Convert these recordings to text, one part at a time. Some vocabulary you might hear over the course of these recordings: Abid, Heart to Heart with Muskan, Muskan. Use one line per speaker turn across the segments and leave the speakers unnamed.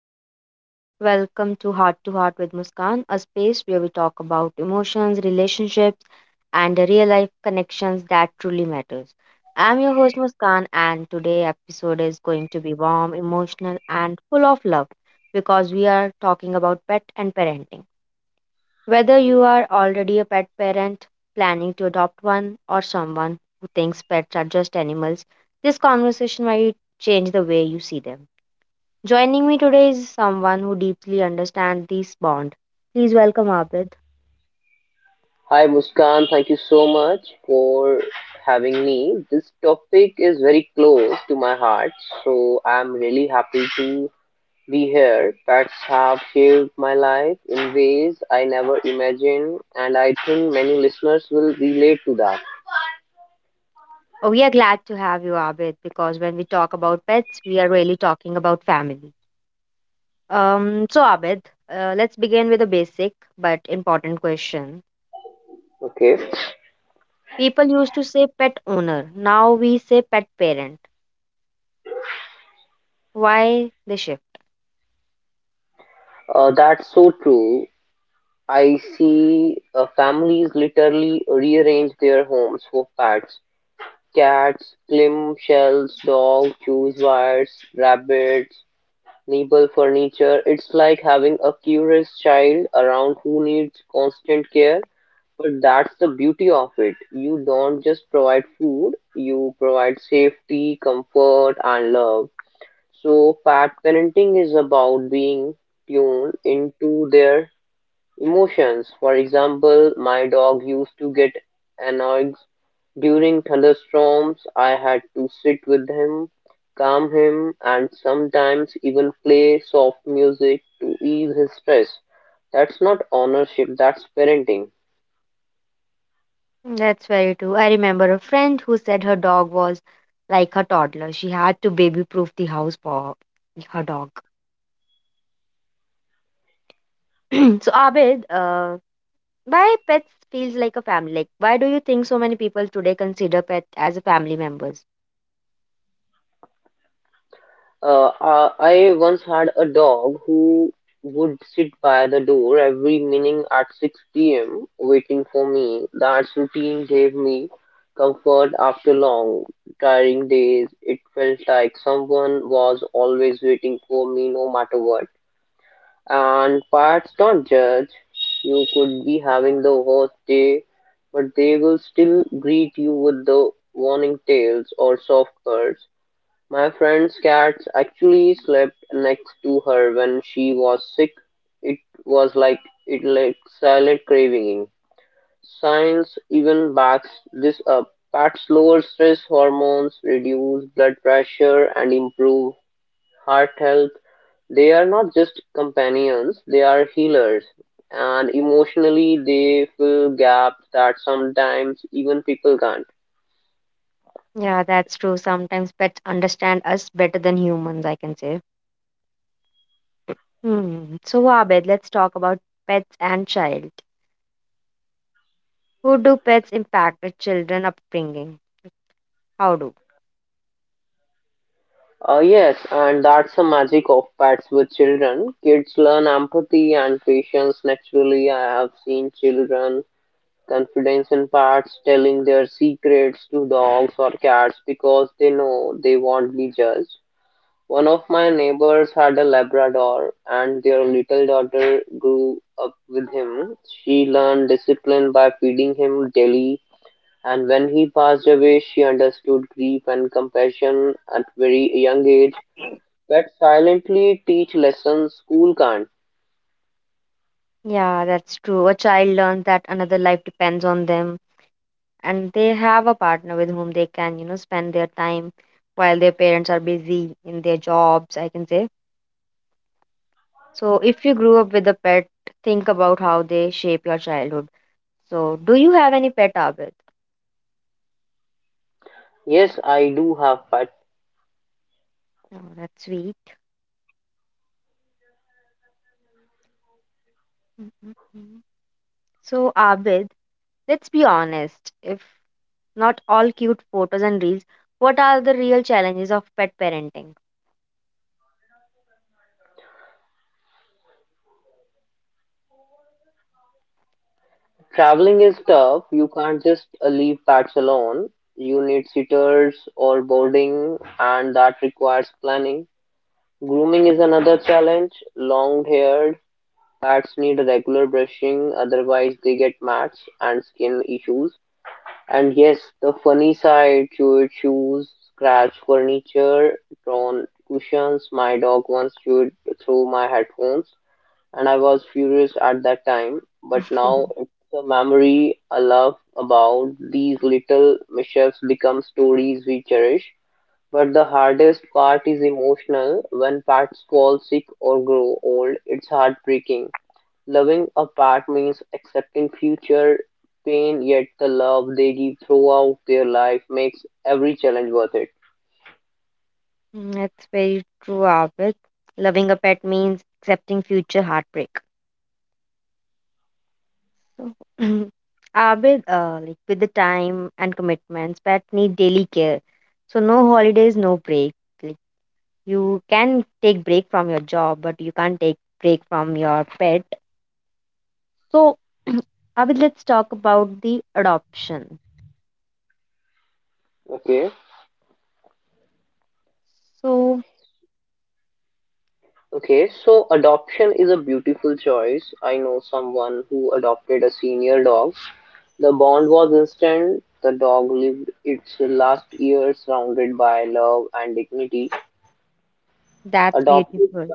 everyone. Welcome to Heart with Muskan, a space where we talk about emotions, relationships, and the real life connections that truly matters. I'm your host Muskan, and today episode is going to be warm, emotional, and full of love because we are talking about pet and parenting. Whether you are already a pet parent, planning to adopt one, or someone who thinks pets are just animals, this conversation might change the way you see them. Joining me today is someone who deeply understands this bond. Please welcome Abid.
Hi Muskan, thank you so much for having me. This topic is very close to my heart, so I'm really happy to be here. Pets have shaped my life in ways I never imagined, and I think many listeners will relate to that.
Oh, we are glad to have you, Abid, because when we talk about pets, we are really talking about family. Abid, let's begin with a basic but important question.
Okay,
People used to say pet owner. Now we say pet parent. Why the shift?
that's so true. I see families literally rearrange their homes for pets. Cats, clam shells, dogs, choose wires, rabbits, Maple furniture, it's like having a curious child around who needs constant care. But that's the beauty of it. You don't just provide food, you provide safety, comfort, and love. So, pet parenting is about being tuned into their emotions. For example, my dog used to get annoyed during thunderstorms. I had to sit with him, calm him, and sometimes even play soft music to ease his stress. That's not ownership, that's parenting.
That's very true. I remember a friend who said her dog was like her toddler. She had to baby proof the house for her dog. So, Abid, why pets feels like a family? Like, why do you think so many people today consider pet as a family members?
I once had a dog who would sit by the door every morning at 6 p.m. waiting for me. That routine gave me comfort after long, tiring days. It felt like someone was always waiting for me no matter what. And pets don't judge. You could be having the worst day, but they will still greet you with the warning tails or soft purrs. My friend's cat actually slept next to her when she was sick. It was like it like silent craving. Science even backs this up. Pets lower stress hormones, reduce blood pressure, and improve heart health. They are not just companions; they are healers. And emotionally, they fill gaps that sometimes even people can't.
Yeah, that's true. Sometimes pets understand us better than humans, I can say. Hmm. So, Abed, let's talk about pets and child. Who do pets impact a children upbringing? How do?
Yes, and that's the magic of pets with children. Kids learn empathy and patience naturally. I have seen children confidence in pets, telling their secrets to dogs or cats because they know they won't be judged. One of my neighbors had a Labrador, and their little daughter grew up with him. She learned discipline by feeding him daily, and when he passed away, she understood grief and compassion at very young age that silently teach lessons school can't.
Yeah, that's true. A child learns that another life depends on them, and they have a partner with whom they can, you know, spend their time while their parents are busy in their jobs, I can say. So, if you grew up with a pet, think about how they shape your childhood. So, do you have any pet, Abid?
Yes, I do have pet.
Oh, that's sweet. Mhm. So, Abid, let's be honest. If not all cute photos and reels, what are the real challenges of pet parenting?
Traveling is tough. You can't just leave pets alone. You need sitters or boarding, and that requires planning. Grooming is another challenge. Long haired pets need regular brushing, otherwise, they get mats and skin issues. And yes, the funny side: chewed shoes, scratch furniture, torn cushions. My dog once chewed through my headphones and I was furious at that time, but now it's a memory I love about. These little mishaps become stories we cherish. But the hardest part is emotional. When pets fall sick or grow old, it's heartbreaking. Loving a pet means accepting future pain, yet the love they give throughout their life makes every challenge worth it.
Mm, that's very true, Abid. Loving a pet means accepting future heartbreak. So, Abid, like with the time and commitments, pets need daily care. So, no holidays, no break. You can take break from your job but you can't take break from your pet so Abhi, let's talk about the adoption
Okay.
so
Okay, so adoption is a beautiful choice. I know someone who adopted a senior dog. The bond was instant. The dog lived its last years surrounded by love and dignity.
That's
Adopted,
beautiful.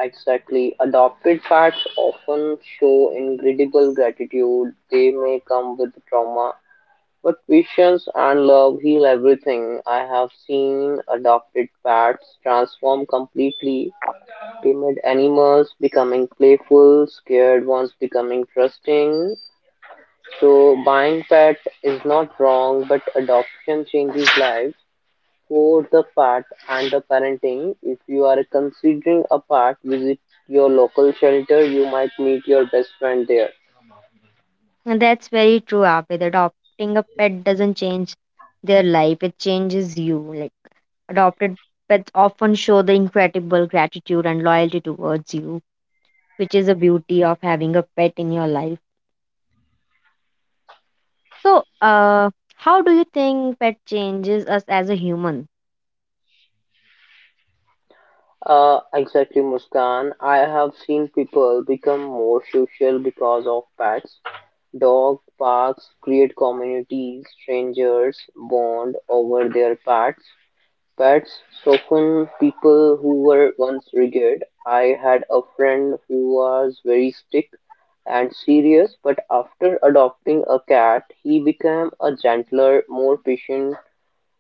exactly. Adopted pets often show incredible gratitude. They may come with trauma, but patience and love heal everything. I have seen adopted pets transform completely, timid animals becoming playful, scared ones becoming trusting. So buying pet is not wrong, but adoption changes lives for the pet and the parenting. If you are considering a pet, visit your local shelter. You might meet your best friend there.
And that's very true Abhi. Adopting a pet doesn't change their life, it changes you. Like, adopted pets often show the incredible gratitude and loyalty towards you, which is a beauty of having a pet in your life. So uh how do you think pet changes us as a human?
Exactly, Muskan. I have seen people become more social because of pets. Dog parks create communities. Strangers bond over their pets. Pets soften people who were once rigid. I had a friend who was very strict and serious, but after adopting a cat, he became a gentler, more patient.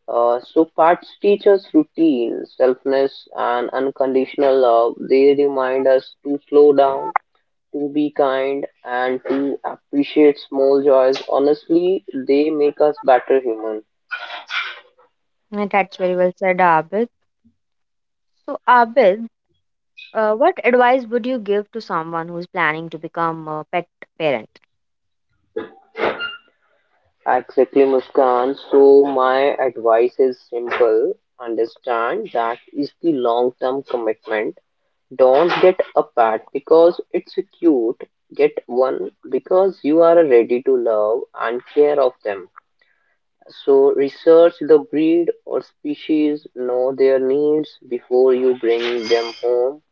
So pets teach us routine, selfness, and unconditional love. They remind us to slow down, to be kind and to appreciate small joys. Honestly, they make us better human.
That's very well said, Abid. So, Abid, what advice would you give to someone who's planning to become a pet parent?
Exactly, Muskan. So my advice is simple. Understand that is the long-term commitment. Don't get a pet because it's cute. Get one because you are ready to love and care of them. So research the breed or species, know their needs before you bring them home.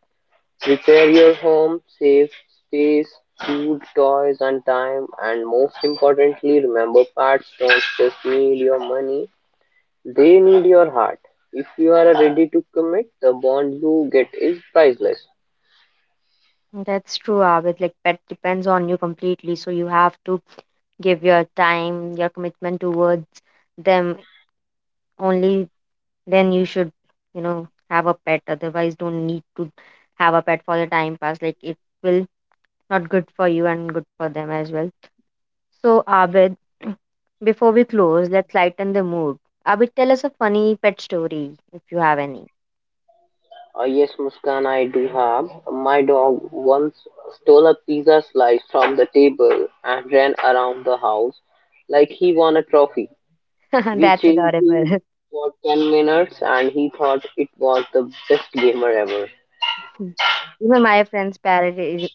Repair your home, save space, food, toys, and time, and most importantly, remember pets don't just need your money, they need your heart. If you are ready to commit, the bond you get is priceless.
That's true, Abid. Like, pet depends on you completely. So, you have to give your time, your commitment towards them. Only then you should, you know, have a pet. Otherwise, don't need to have a pet for the time pass. Like, it will not good for you and good for them as well. So, Abid, before we close, let's lighten the mood. Abid, tell us a funny pet story if you have any.
Yes, Muskan, I do have. My dog once stole a pizza slice from the table and ran around the house like he won a trophy. We
That's
chased him
adorable.
for 10 minutes and he thought it was the best gamer ever.
Even my friends parody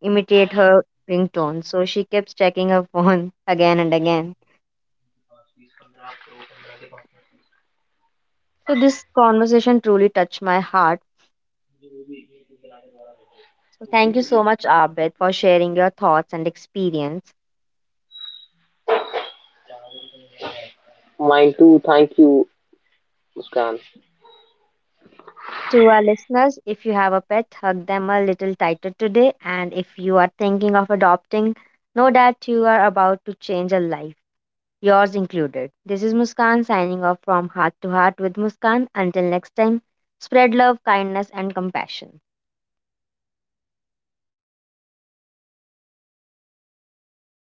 imitate her ringtone, so she keeps checking her phone again and again. So this conversation truly touched my heart. So thank you so much, Abid, for sharing your thoughts and experience.
Mine too. Thank you, Muskan.
To our listeners, if you have a pet, hug them a little tighter today. And if you are thinking of adopting, know that you are about to change a life, yours included. This is Muskan signing off from Heart to Heart with Muskan. Until next time, spread love, kindness, and compassion.